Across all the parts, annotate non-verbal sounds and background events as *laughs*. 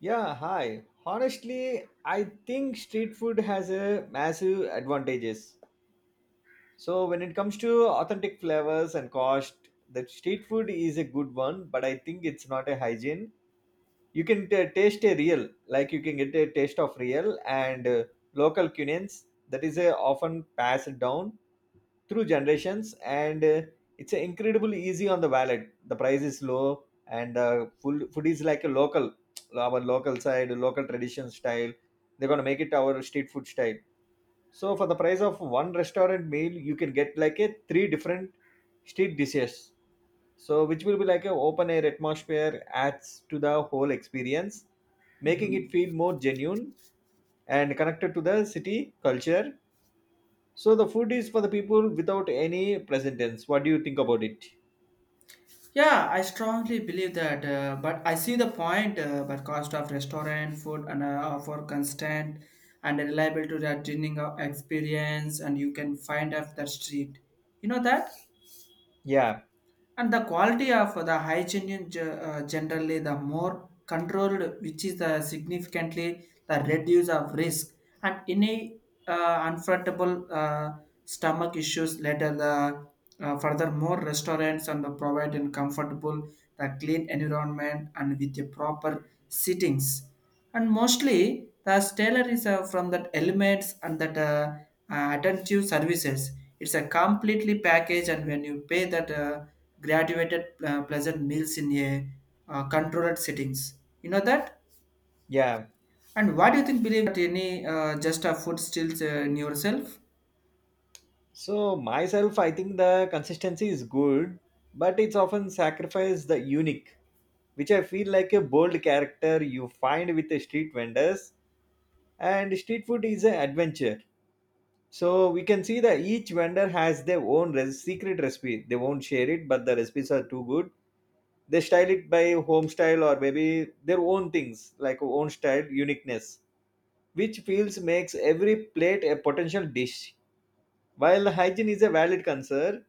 Yeah, hi. Honestly, I think street food has a massive advantages. So when it comes to authentic flavors and cost, the street food is a good one, but I think it's not a hygiene. You can taste a real, like you can get a taste of real and local cuisines that is often passed down through generations and it's incredible easy on the wallet, the price is low, and food is like a local, our local side local tradition style. They're going to make it our street food style, so for the price of one restaurant meal you can get like a three different street dishes, so which will be like a open air atmosphere adds to the whole experience, making it Mhm. feel more genuine and connected to the city culture. So the food is for the people without any present tense. What do you think about it? Yeah, I strongly believe that, but I see the point. But cost of restaurant food and for constant and reliable to that dining experience, and you can find off the street. You know that. Yeah, And the quality of the hygiene generally the more controlled, which is the significantly the reduce of risk and any unfrontable stomach issues later the furthermore restaurants and the provide and comfortable the clean environment and with the proper settings and mostly the Taylor is from that elements and that attentive services. It's a completely package, and when you pay that graduated pleasant meals in a controlled settings, you know that. yeah. And what do you think? Believe that any just a food steals in yourself? So myself, I think the consistency is good, but it's often sacrificed the unique, which I feel like a bold character you find with the street vendors. And street food is an adventure. So we can see that each vendor has their own secret recipe. They won't share it, but the recipes are too good. They style it by home style or maybe their own things, like own style uniqueness, which feels makes every plate a potential dish. While hygiene is a valid concern,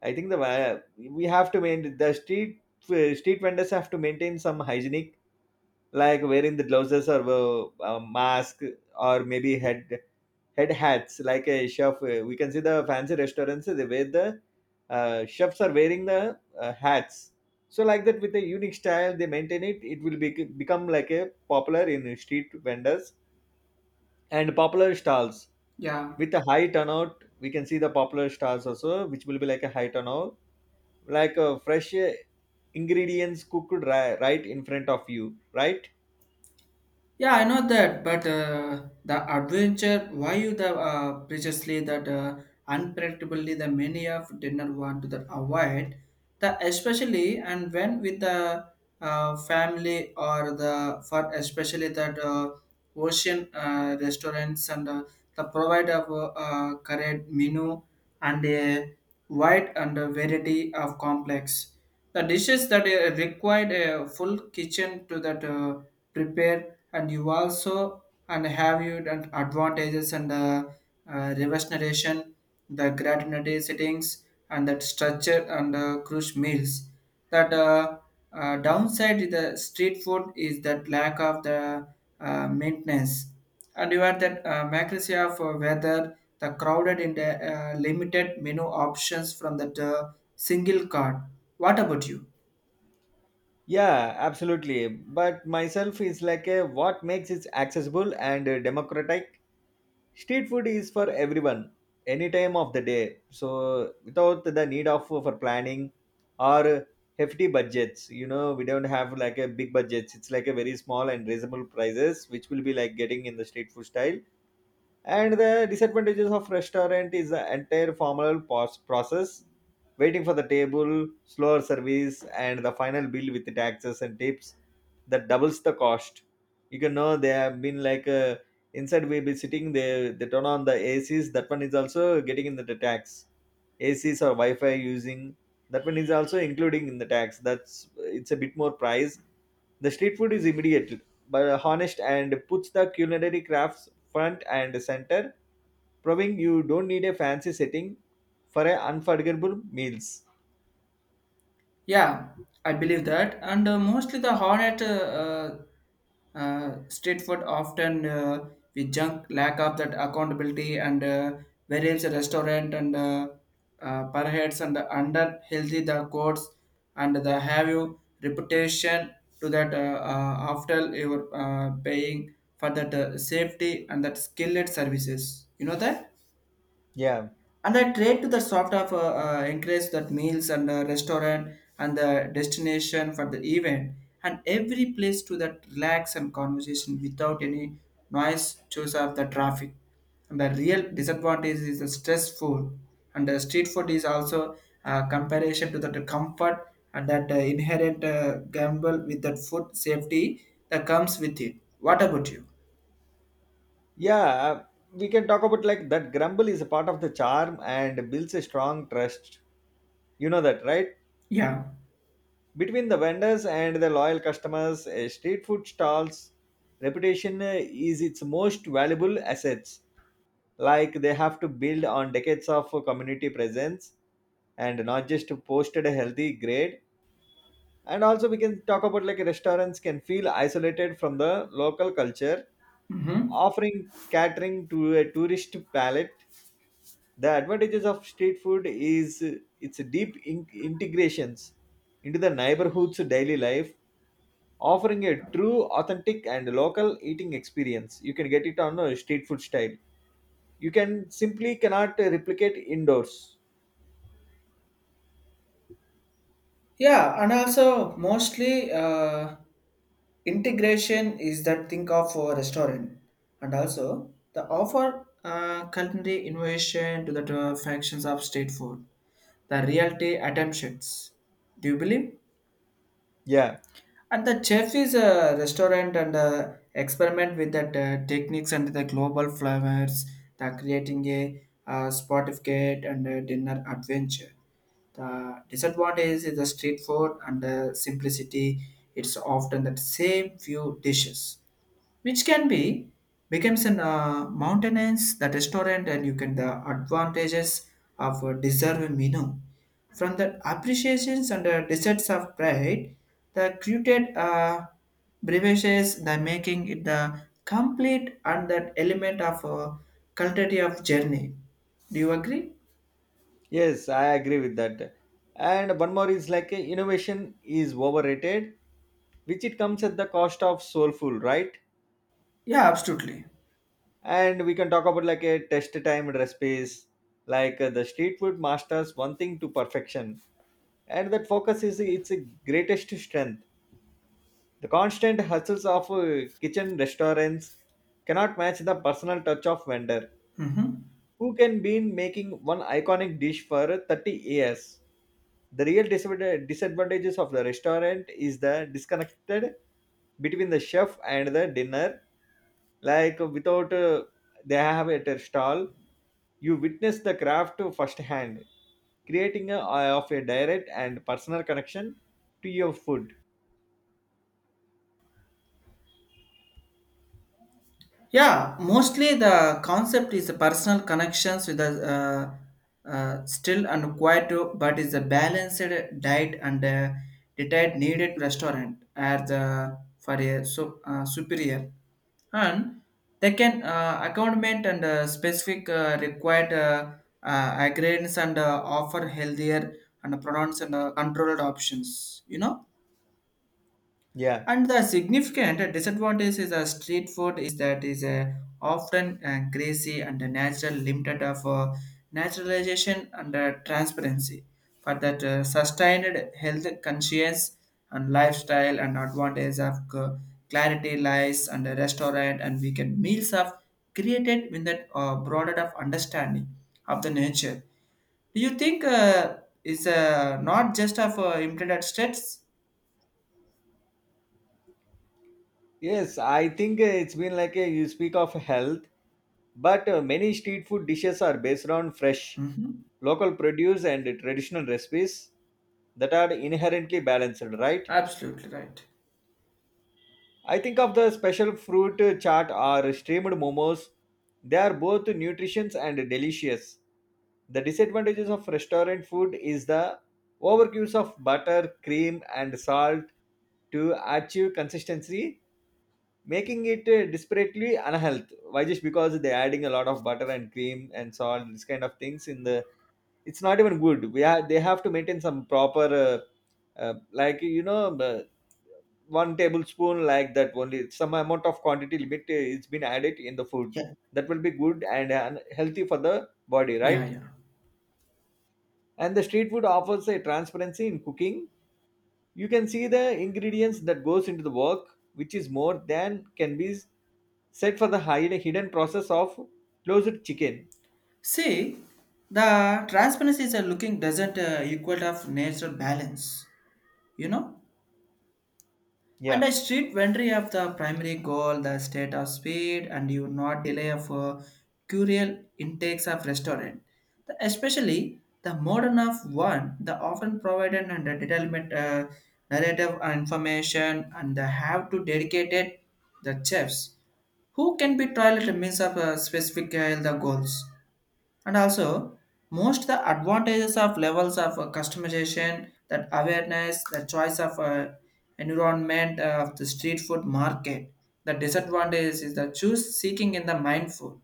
I think the we have to maintain the street, street vendors have to maintain some hygienic, like wearing the glasses or a mask or maybe head hats. Like a chef, we can see the fancy restaurants, they wear the, chefs are wearing the hats. So like that with a unique style, they maintain it. It will be, become like a popular in street vendors and popular stalls, Yeah. with a high turnout. We can see the popular stars also, which will be like a high turnout, like fresh ingredients cooked right in front of you, right? Yeah, I know that, but the adventure, why you the preciously that unpredictably the many of dinner want to the avoid the especially and when with the family or the for especially that ocean restaurants and the provide of correct menu and a wide and a variety of complex the dishes that required a full kitchen to that prepare and you also and have you that advantages and reverse narration the granularity settings and that structure and cruise meals that downside to the street food is that lack of the maintenance and you have that accuracy of whether the crowded in the limited menu options from that single card. What about you? Yeah, absolutely, but myself is like a what makes it accessible and democratic. Street food is for everyone any time of the day, so without the need of for planning or hefty budgets. You know, we don't have like a big budgets. It's like a very small and reasonable prices, which will be like getting in the street food style. And the disadvantages of restaurant is the entire formal process, waiting for the table, slower service, and the final bill with the taxes and tips that doubles the cost. You can know they have been like, inside we be sitting, they turn on the ACs. That one is also getting in the tax. ACs or Wi-Fi using, that one is also including in the tax. That's, it's a bit more price. The street food is immediate but honest, and puts the culinary crafts front and center, proving you don't need a fancy setting for a unforgettable meals. Yeah, I believe that. And mostly the hornet street food often we junk lack of that accountability and various restaurant and perhaps and under healthy the codes and the have you reputation to that after you are paying for that safety and that skilled services. You know that? Yeah, And I tried to the sort of encourage that meals and restaurant and the destination for the event and every place to that relax and conversation without any noise choice of the traffic. And the real disadvantage is the stress food and the street food is also comparison to that comfort and that inherent gamble with that food safety that comes with it. What about you? yeah, we can talk about like that grumble is a part of the charm and builds a strong trust. You know that, right? Yeah. Between the vendors and the loyal customers, a street food stall's reputation is its most valuable assets. Like they have to build on decades of community presence, and not just posted a healthy grade. And also, we can talk about like restaurants can feel isolated from the local culture, Mm-hmm. offering catering to a tourist palate. The advantages of street food is its deep integrations into the neighborhood's daily life, offering a true authentic and local eating experience. You can get it on a street food style, you can simply cannot replicate indoors. Yeah, and also mostly integration is that think of a restaurant, and also the offer culinary innovation to the functions of state food, the reality attempts. Do you believe? Yeah. And the chef is a restaurant and experiment with that techniques and the global flavors, the creating a Spotify and a dinner adventure. The disadvantage is the street food and the simplicity. It's often the same few dishes which can be becomes an mountainous the restaurant and you can the advantages of a deserved menu from the appreciations and the deserts of pride the created beverages the making it the complete and that element of quality of journey. Do you agree? Yes, I agree with that. And one more is like, innovation is overrated, which it comes at the cost of soulful, right? Yeah, absolutely. And we can talk about like a test time recipes, like the street food masters one thing to perfection, and that focus is its greatest strength. The constant hustles of kitchen restaurants cannot match the personal touch of vendor Hmm. who can be making one iconic dish for 30 years. The real disadvantages of the restaurant is the disconnected between the chef and the dinner. Like without, they have at a stall, you witness the craft firsthand, creating a, of a direct and personal connection to your food. Yeah, mostly the concept is personal connections with the still and quiet, but is a balanced diet and detailed needed restaurant as the for a so, superior, and they can accompaniment and specific required agreements and offer healthier and pronounced and controlled options. You know, Yeah. and the significant disadvantage is a street food is that is a often greasy and a natural limited of naturalization and transparency for that sustained health conscience and lifestyle and advantage of clarity lies and a restaurant and weekend meals of created with that broader of understanding of the nature. Do you think is not just of implemented states? Yes, I think it's been like a, you speak of health, but many street food dishes are based on fresh, Mhm. local produce and traditional recipes that are inherently balanced, right? Absolutely right. I think of the special fruit, chaat, or steamed momos. They are both nutritious and delicious. The disadvantages of restaurant food is the overuse of butter, cream, and salt to achieve consistency, making it desperately unhealthy. Why? Just because they're adding a lot of butter and cream and salt, this kind of things in the, it's not even good. We have, they have to maintain some proper, like, you know, the one tablespoon, like that, only some amount of quantity limit is been added in the food. Yeah, That will be good and healthy for the body, yeah, right? yeah. And the street food offers a transparency in cooking. You can see the ingredients that goes into the work, which is more than can be set for the hide hidden process of closed chicken. See, the transparency is a looking doesn't equal of natural balance, you know. And Yeah, a street vendor of the primary goal, the state of speed, and you not delay of curial intakes of restaurant. The, especially the modern of one, the often provided and the detailment narrative and information and the have to dedicated the chefs who can be trialed means of a specific the goals, and also most the advantages of levels of customization that awareness the choice of environment of the street food market, the disadvantages is the choose seeking in the mindful,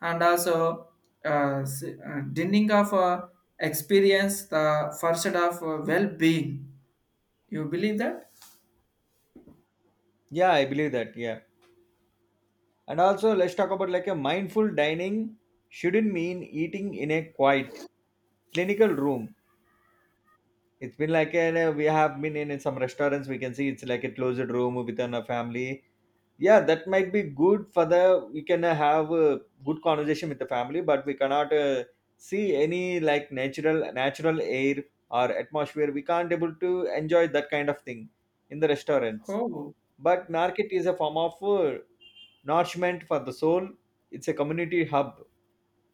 and also dinding of experience the first of well-being. You believe that? yeah, I believe that. Yeah, and also let's talk about like a mindful dining shouldn't mean eating in a quiet, clinical room. It's been like an, we have been in some restaurants. We can see it's like a closed room within a family. Yeah, that might be good for the, we can have a good conversation with the family, but we cannot see any like natural air or atmosphere. We can't able to enjoy that kind of thing in the restaurants. Oh. But market is a form of nourishment for the soul. It's a community hub,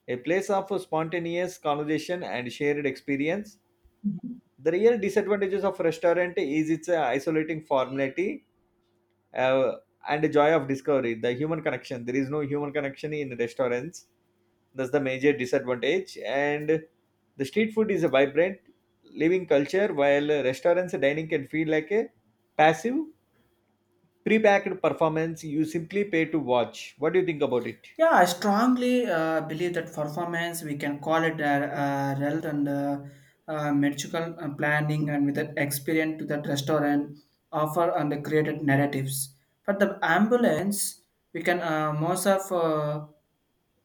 a place of spontaneous conversation and shared experience. The real disadvantages of restaurant is its isolating formality uh, and the joy of discovery. The human connection. There is no human connection in restaurants. That's the major disadvantage. And the street food is a vibrant, living culture, while restaurants dining can feel like a passive, pre-packed performance you simply pay to watch. What do you think about it? Yeah, I strongly believe that performance, we can call it a health and medical planning and with that experience to that restaurant offer and the created narratives. But the ambulance, we can most of uh,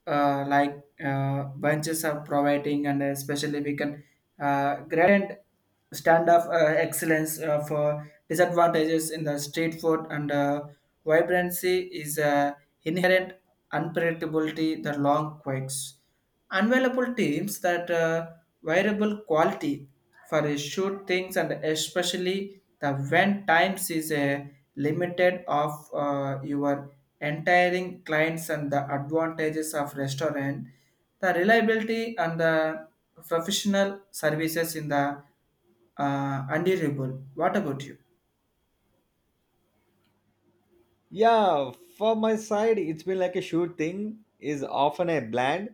uh, like uh, bunches are providing and especially we can grant stand of excellence for disadvantages in the street food and vibrancy is inherent unpredictability the long quakes. Unavailable teams that variable quality for a shoot things and especially the when times is a limited of your entire clients, and the advantages of restaurant the reliability and the professional services in the undeniable. What about you? Yeah. For my side, it's been like a sure thing is often a bland,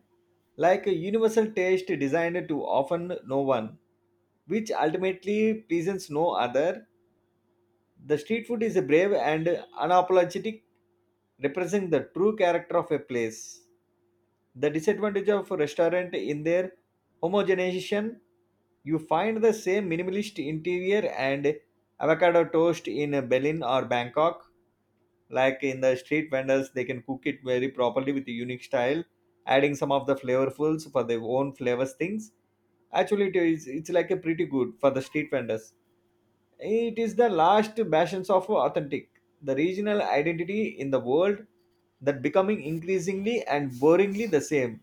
like a universal taste designed to often no one, which ultimately pleases no other. The street food is a brave and unapologetic, representing the true character of a place. The disadvantage of restaurant in their homogenization, you find the same minimalist interior and avocado toast in Berlin or Bangkok. Like in the street vendors, they can cook it very properly with a unique style, adding some of the flavorfuls for their own flavors things. Actually, it's like a pretty good for the street vendors. It is the last bastions of authentic, the regional identity in the world that becoming increasingly and boringly the same.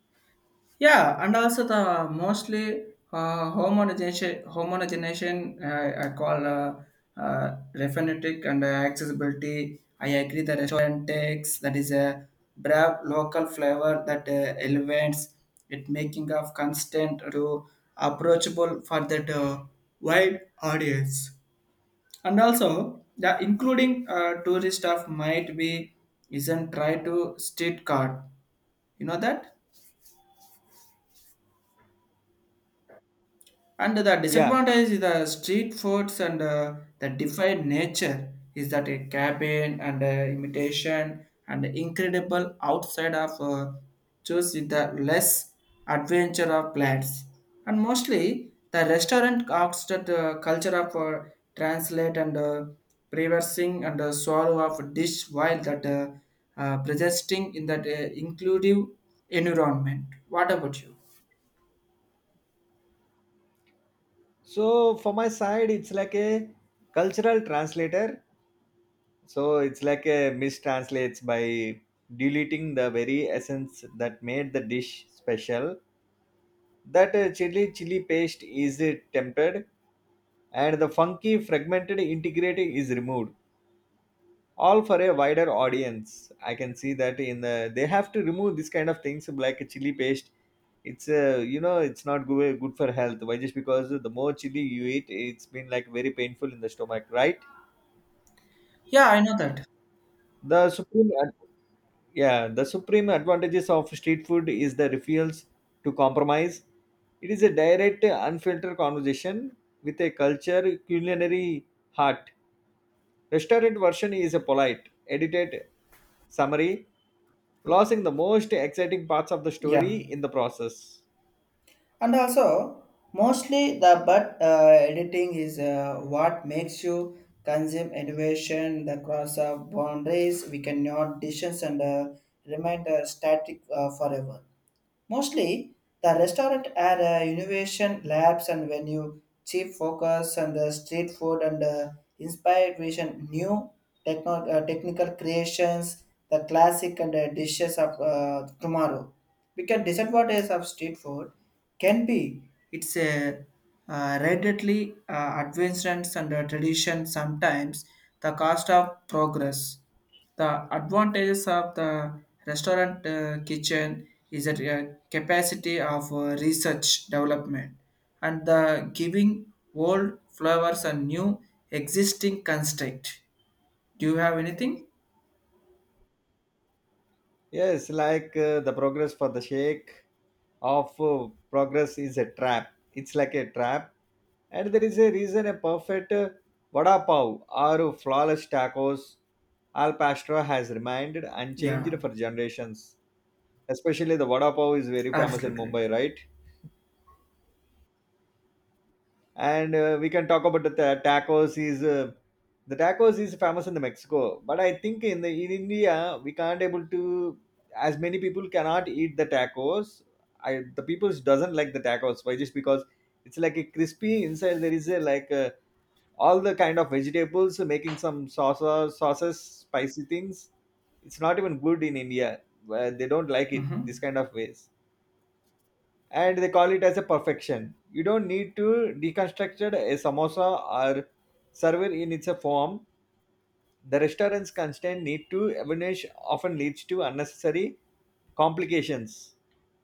Yeah, and also the mostly homogenization, homogenization I call refinetic and accessibility. I agree the restaurant takes that is a brave local flavor that elevates it, making of constant to approachable for that wide audience. And also the including tourist of might be isn't try to street card. You know that? And the Yeah. disadvantage is the street foods and the defied nature is that a cabin and imitation and incredible outside of choose with the less adventure of plants. And mostly the restaurant acts that culture of translate and preversing and swallow of dish while that presenting in that inclusive environment. What about you? So for my side, it's like a cultural translator. So it's like a mistranslates by deleting the very essence that made the dish special. That, chili paste is tempered, and the funky fragmented integrating is removed. All for a wider audience. I can see that in the, they have to remove this kind of things like a chili paste. It's, you know, it's not good for health. Why? Just because the more chili you eat, it's been like very painful in the stomach, right? Yeah, I know that. The supreme, ad- yeah, the supreme advantages of street food is the refusal to compromise. It is a direct, unfiltered conversation with a culture, culinary heart. Restaurant version is a polite, edited summary, losing the most exciting parts of the Yeah. story in the process. And also mostly the but editing is what makes you consume innovation the cross of boundaries we cannot distance and remain static forever. Mostly, the restaurant are innovation labs and venue, cheap focus and street food and inspired vision, new technical creations, the classic and dishes of tomorrow. Because disadvantage of street food can be it's a readily advancements and tradition sometimes the cost of progress, the advantages of the restaurant kitchen is a capacity of research development and the giving old flavors and new existing construct. Do you have anything? Yes, like, the progress for the shake of progress is a trap. It's like a trap. And there is a reason a perfect vada pav or flawless tacos al pastor has remained Yeah, unchanged for generations. Especially the vada pav is very famous in absolutely. Mumbai, right? And we can talk about the tacos is, famous in the Mexico, but I think in the in India we can't able to, as many people cannot eat the tacos. I The people doesn't like the tacos. Why? Just because it's like a crispy inside. There is a, like a, all the kind of vegetables, making some sauces, spicy things. It's not even good in India, where they don't like it this Mhm. kind of ways, and they call it as a perfection. You don't need to deconstruct a samosa or serve it in its a form. The restaurant's constant need to avanish often leads to unnecessary complications.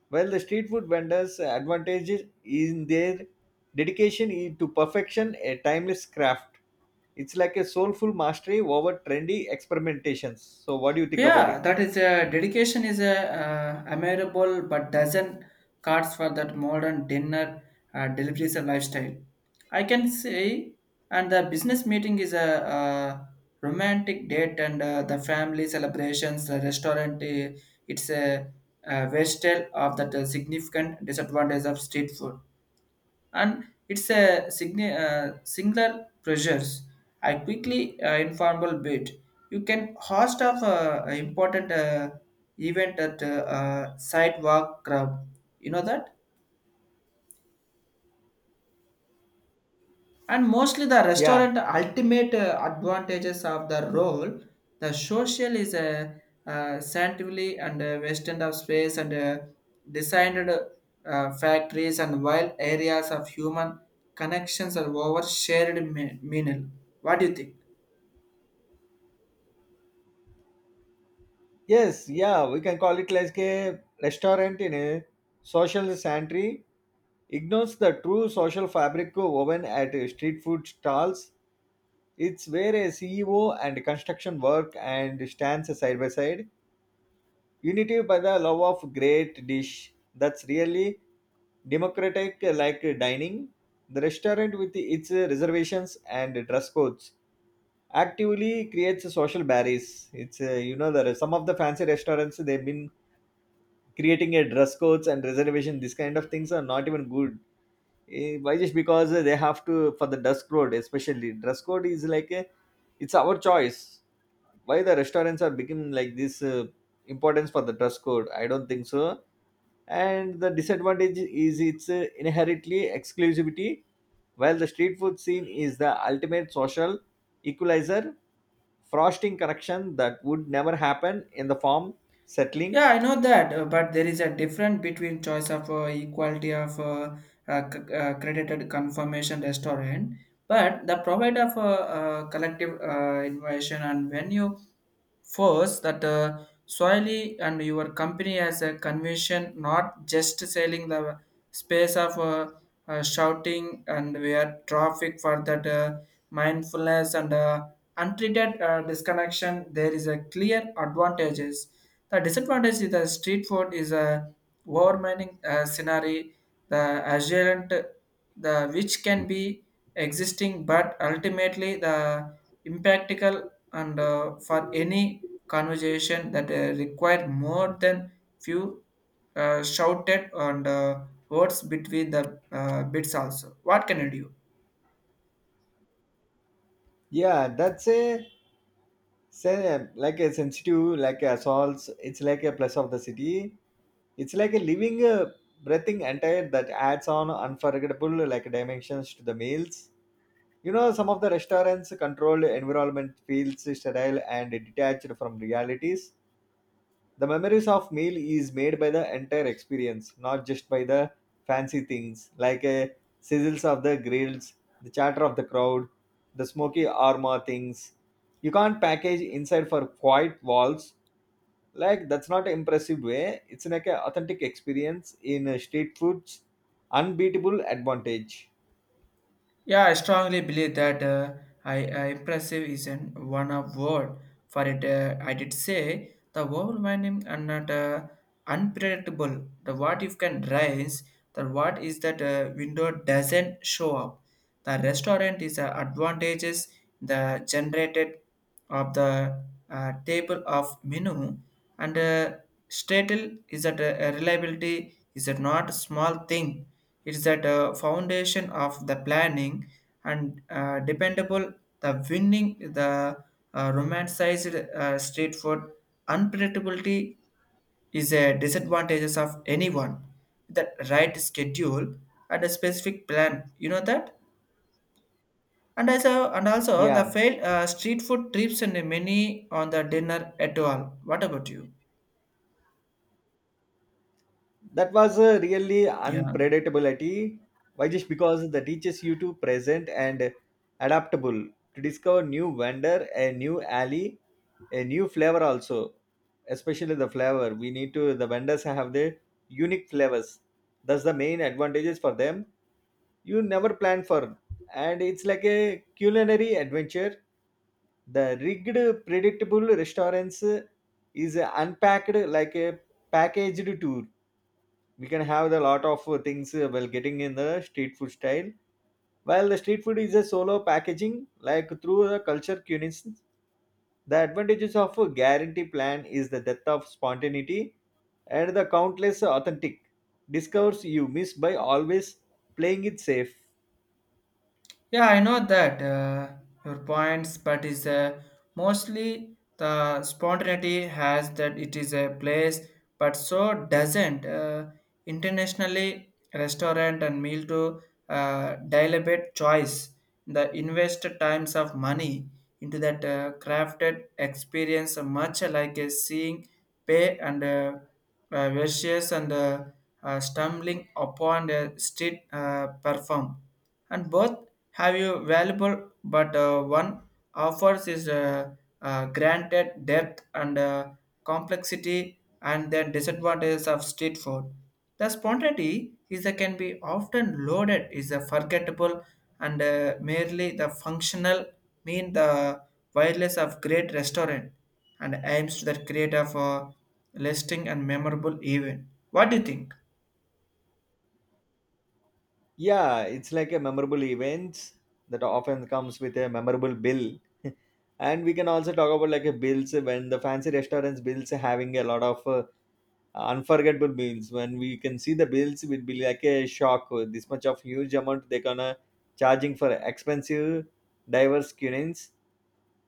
While the street food vendors' advantage is in their dedication to perfection, a timeless craft. It's like a soulful mastery over trendy experimentations. So, what do you think about Yeah, it? that is a dedication is a admirable but dozen cards for that modern dinner deliveries and lifestyle. I can say, and the business meeting is a, romantic date and the family celebrations. The restaurant it's a wastel of that significant disadvantage of street food, and it's a singular pressures. I quickly informal bit. You can host of important event at sidewalk club. You know that. And mostly the Yeah. restaurant ultimate advantages of the role, the social is a scientifically and western of space and designed factories and wild areas of human connections are over shared meal. What do you think? Yes. Yeah, we can call it like a restaurant in a social sanctuary. Ignores the true social fabric woven at street food stalls. It's where a CEO and construction work and stands side by side, united by the love of great dish. That's really democratic like dining. The restaurant with its reservations and dress codes actively creates social barriers. It's you know there are some of the fancy restaurants they've been creating a dress codes and reservation. These kind of things are not even good. Eh, why just because they have to for the dress code, especially dress code is like a, it's our choice. Why the restaurants are becoming like this importance for the dress code, I don't think so. And the disadvantage is its inherently exclusivity, while the street food scene is the ultimate social equalizer, frosting correction that would never happen in the form settling. Yeah, I know that, but there is a difference between choice of equality of credited confirmation restaurant, but the provider of collective innovation and when you force that solely and your company as a convention, not just selling the space of shouting and where traffic for that mindfulness and untreated disconnection, there is a clear advantages, the disadvantage is the street food is a overwhelming scenario, the assurant, the which can be existing, but ultimately the impactical and for any conversation that require more than few shouted and words between the bits also. What can you do? Yeah, that's a say, like a sensitive like a assaults, it's like a plus of the city. It's like a living breathing entire that adds on unforgettable like dimensions to the meals. You know, some of the restaurants' controlled environment feels sterile and detached from realities. The memories of meal is made by the entire experience, not just by the fancy things like a sizzles of the grills, the chatter of the crowd, the smoky aroma things. You can't package inside for quiet walls. Like that's not an impressive way. It's like an authentic experience in street food's unbeatable advantage. Yeah, I strongly believe that I impressive is an one of word for it. I did say the overwhelming and not unpredictable. The what if can rise. The what is that window doesn't show up. The restaurant is advantages the generated of the table of menu and statel is that reliability is that not small thing, it's at a foundation of the planning and dependable the winning the romanticized street food unpredictability is a disadvantages of anyone the right schedule and a specific plan, you know that, and also the Yeah. failed street food trips and many on the dinner at all. What about you? That was a really Yeah. unpredictability. Why just because that teaches you to present and adaptable, to discover new vendor, a new alley, a new flavor also. Especially the flavor. We need to the vendors have their unique flavors. That's the main advantages for them. You never plan for, and it's like a culinary adventure. The rigged predictable restaurants is unpacked like a packaged tour. We can have a lot of things while getting in the street food style, while the street food is a solo packaging like through the culture cuisines. The advantages of a guarantee plan is the death of spontaneity and the countless authentic discovers you miss by always playing it safe. Yeah, I know that your points, but is mostly the spontaneity has that it is a place, but so doesn't internationally restaurant and meal to deliberate choice. The invest times of money into that crafted experience, much like a seeing, pay and versus and stumbling upon a street perform and both have you valuable but one offers is granted depth and complexity, and the disadvantages of street food the spontaneity is a, can be often loaded is a forgettable and merely the functional mean the wireless of great restaurant and aims to the create of a lasting and memorable event. What do you think? Yeah, it's like a memorable events that often comes with a memorable bill. *laughs* And we can also talk about like a bills when the fancy restaurants bills having a lot of unforgettable bills. When we can see the bills will be like a shock, this much of huge amount they're gonna charging for expensive diverse cuisines.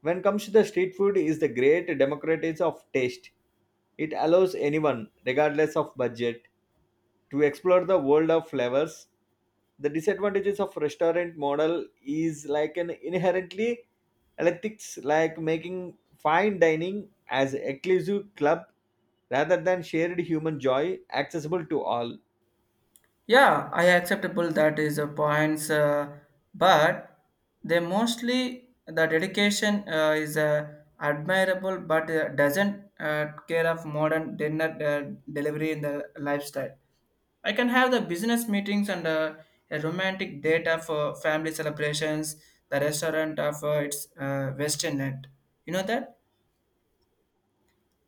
When comes to the street food is the great democratic of taste. It allows anyone regardless of budget to explore the world of flavors. The disadvantages of restaurant model is like an inherently ethics like making fine dining as exclusive club rather than shared human joy accessible to all. Yeah, I acceptable that is a points, but they mostly the dedication is admirable, but doesn't care of modern dinner delivery in the lifestyle. I can have the business meetings and a romantic date of family celebrations. The restaurant of its Western end. You know that,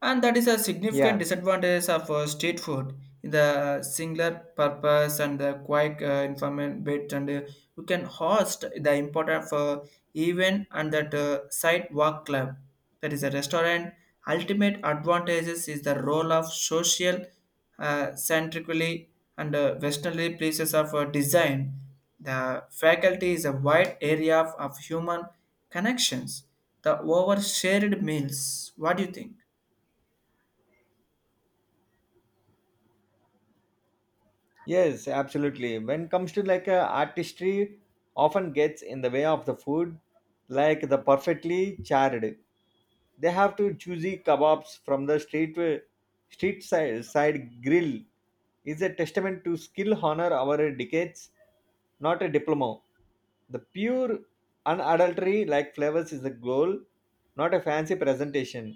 and that is a significant Yeah. disadvantage of street food in the singular purpose and the quick information bit and you can host the important for event and that sidewalk club, that is a restaurant ultimate advantages is the role of social centrically and westernly places of design, the faculty is a wide area of human connections, the overshared meals. What do you think? Yes, absolutely. When comes to like artistry often gets in the way of the food, like the perfectly charred. They have to choosy kebabs from the street side, grill is a testament to skill honor our decades, not a diploma. The pure unadulterated like flavors is the goal, not a fancy presentation.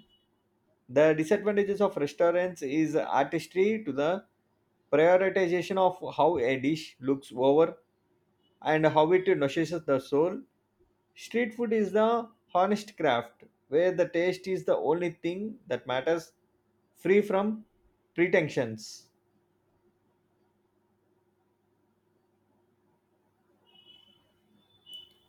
The disadvantages of restaurants is artistry to the prioritization of how a dish looks over and how it nourishes the soul. Street food is the honest craft where the taste is the only thing that matters, free from pretensions.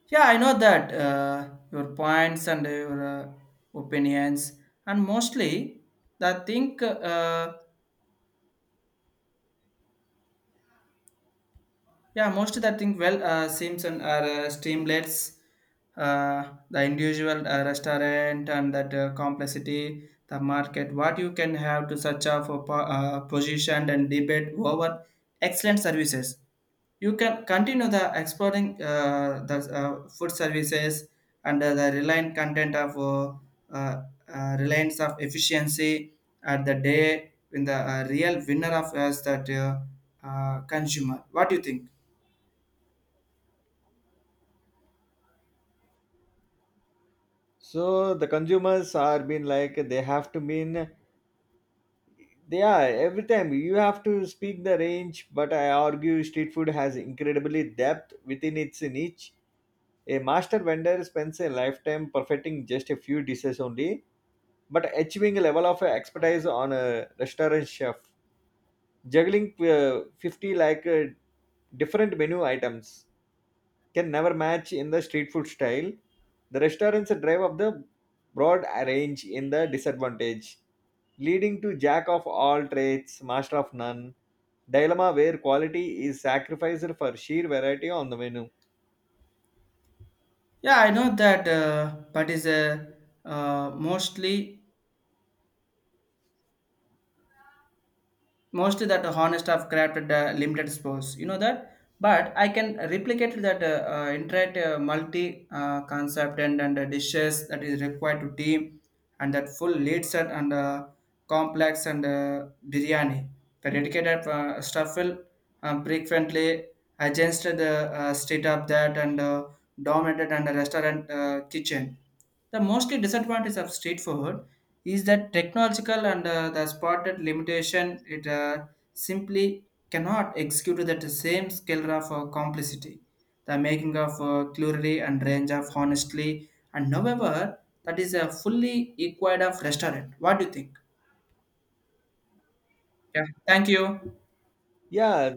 Yeah, I know that your points and your opinions, and that think, uh, yeah, mostly that think well, seems and are streamlets, uh, the individual restaurant and that complexity, the market, what you can have to such a for position and debate over excellent services. You can continue the exploring the food services and the reliant content of reliance of efficiency at the day when the real winner of us that consumer. What do you think? So the consumers are being like they have to mean, they are every time you have to speak the range, but I argue street food has incredibly depth within its niche. A master vendor spends a lifetime perfecting just a few dishes only, but achieving a level of expertise on a restaurant chef juggling 50 like different menu items can never match in the street food style. The restaurants drive up the broad range in the disadvantage, leading to jack of all trades master of none dilemma, where quality is sacrificed for sheer variety on the menu. Yeah, I know that, but is uh, mostly mostly that honest of crafted limited spores, you know that, but I can replicate that internet multi concept and dishes that is required to team and that full lead set and complex and biryani the dedicated stuff will frequently against the state of that and dominated and a restaurant kitchen. The mostly disadvantage of street food is that technological and the spotted limitation, it simply cannot execute that same scale of complexity. The making of culinary and range of honestly and however that is a fully equal of restaurant. What do you think? Yeah. Thank you. Yeah.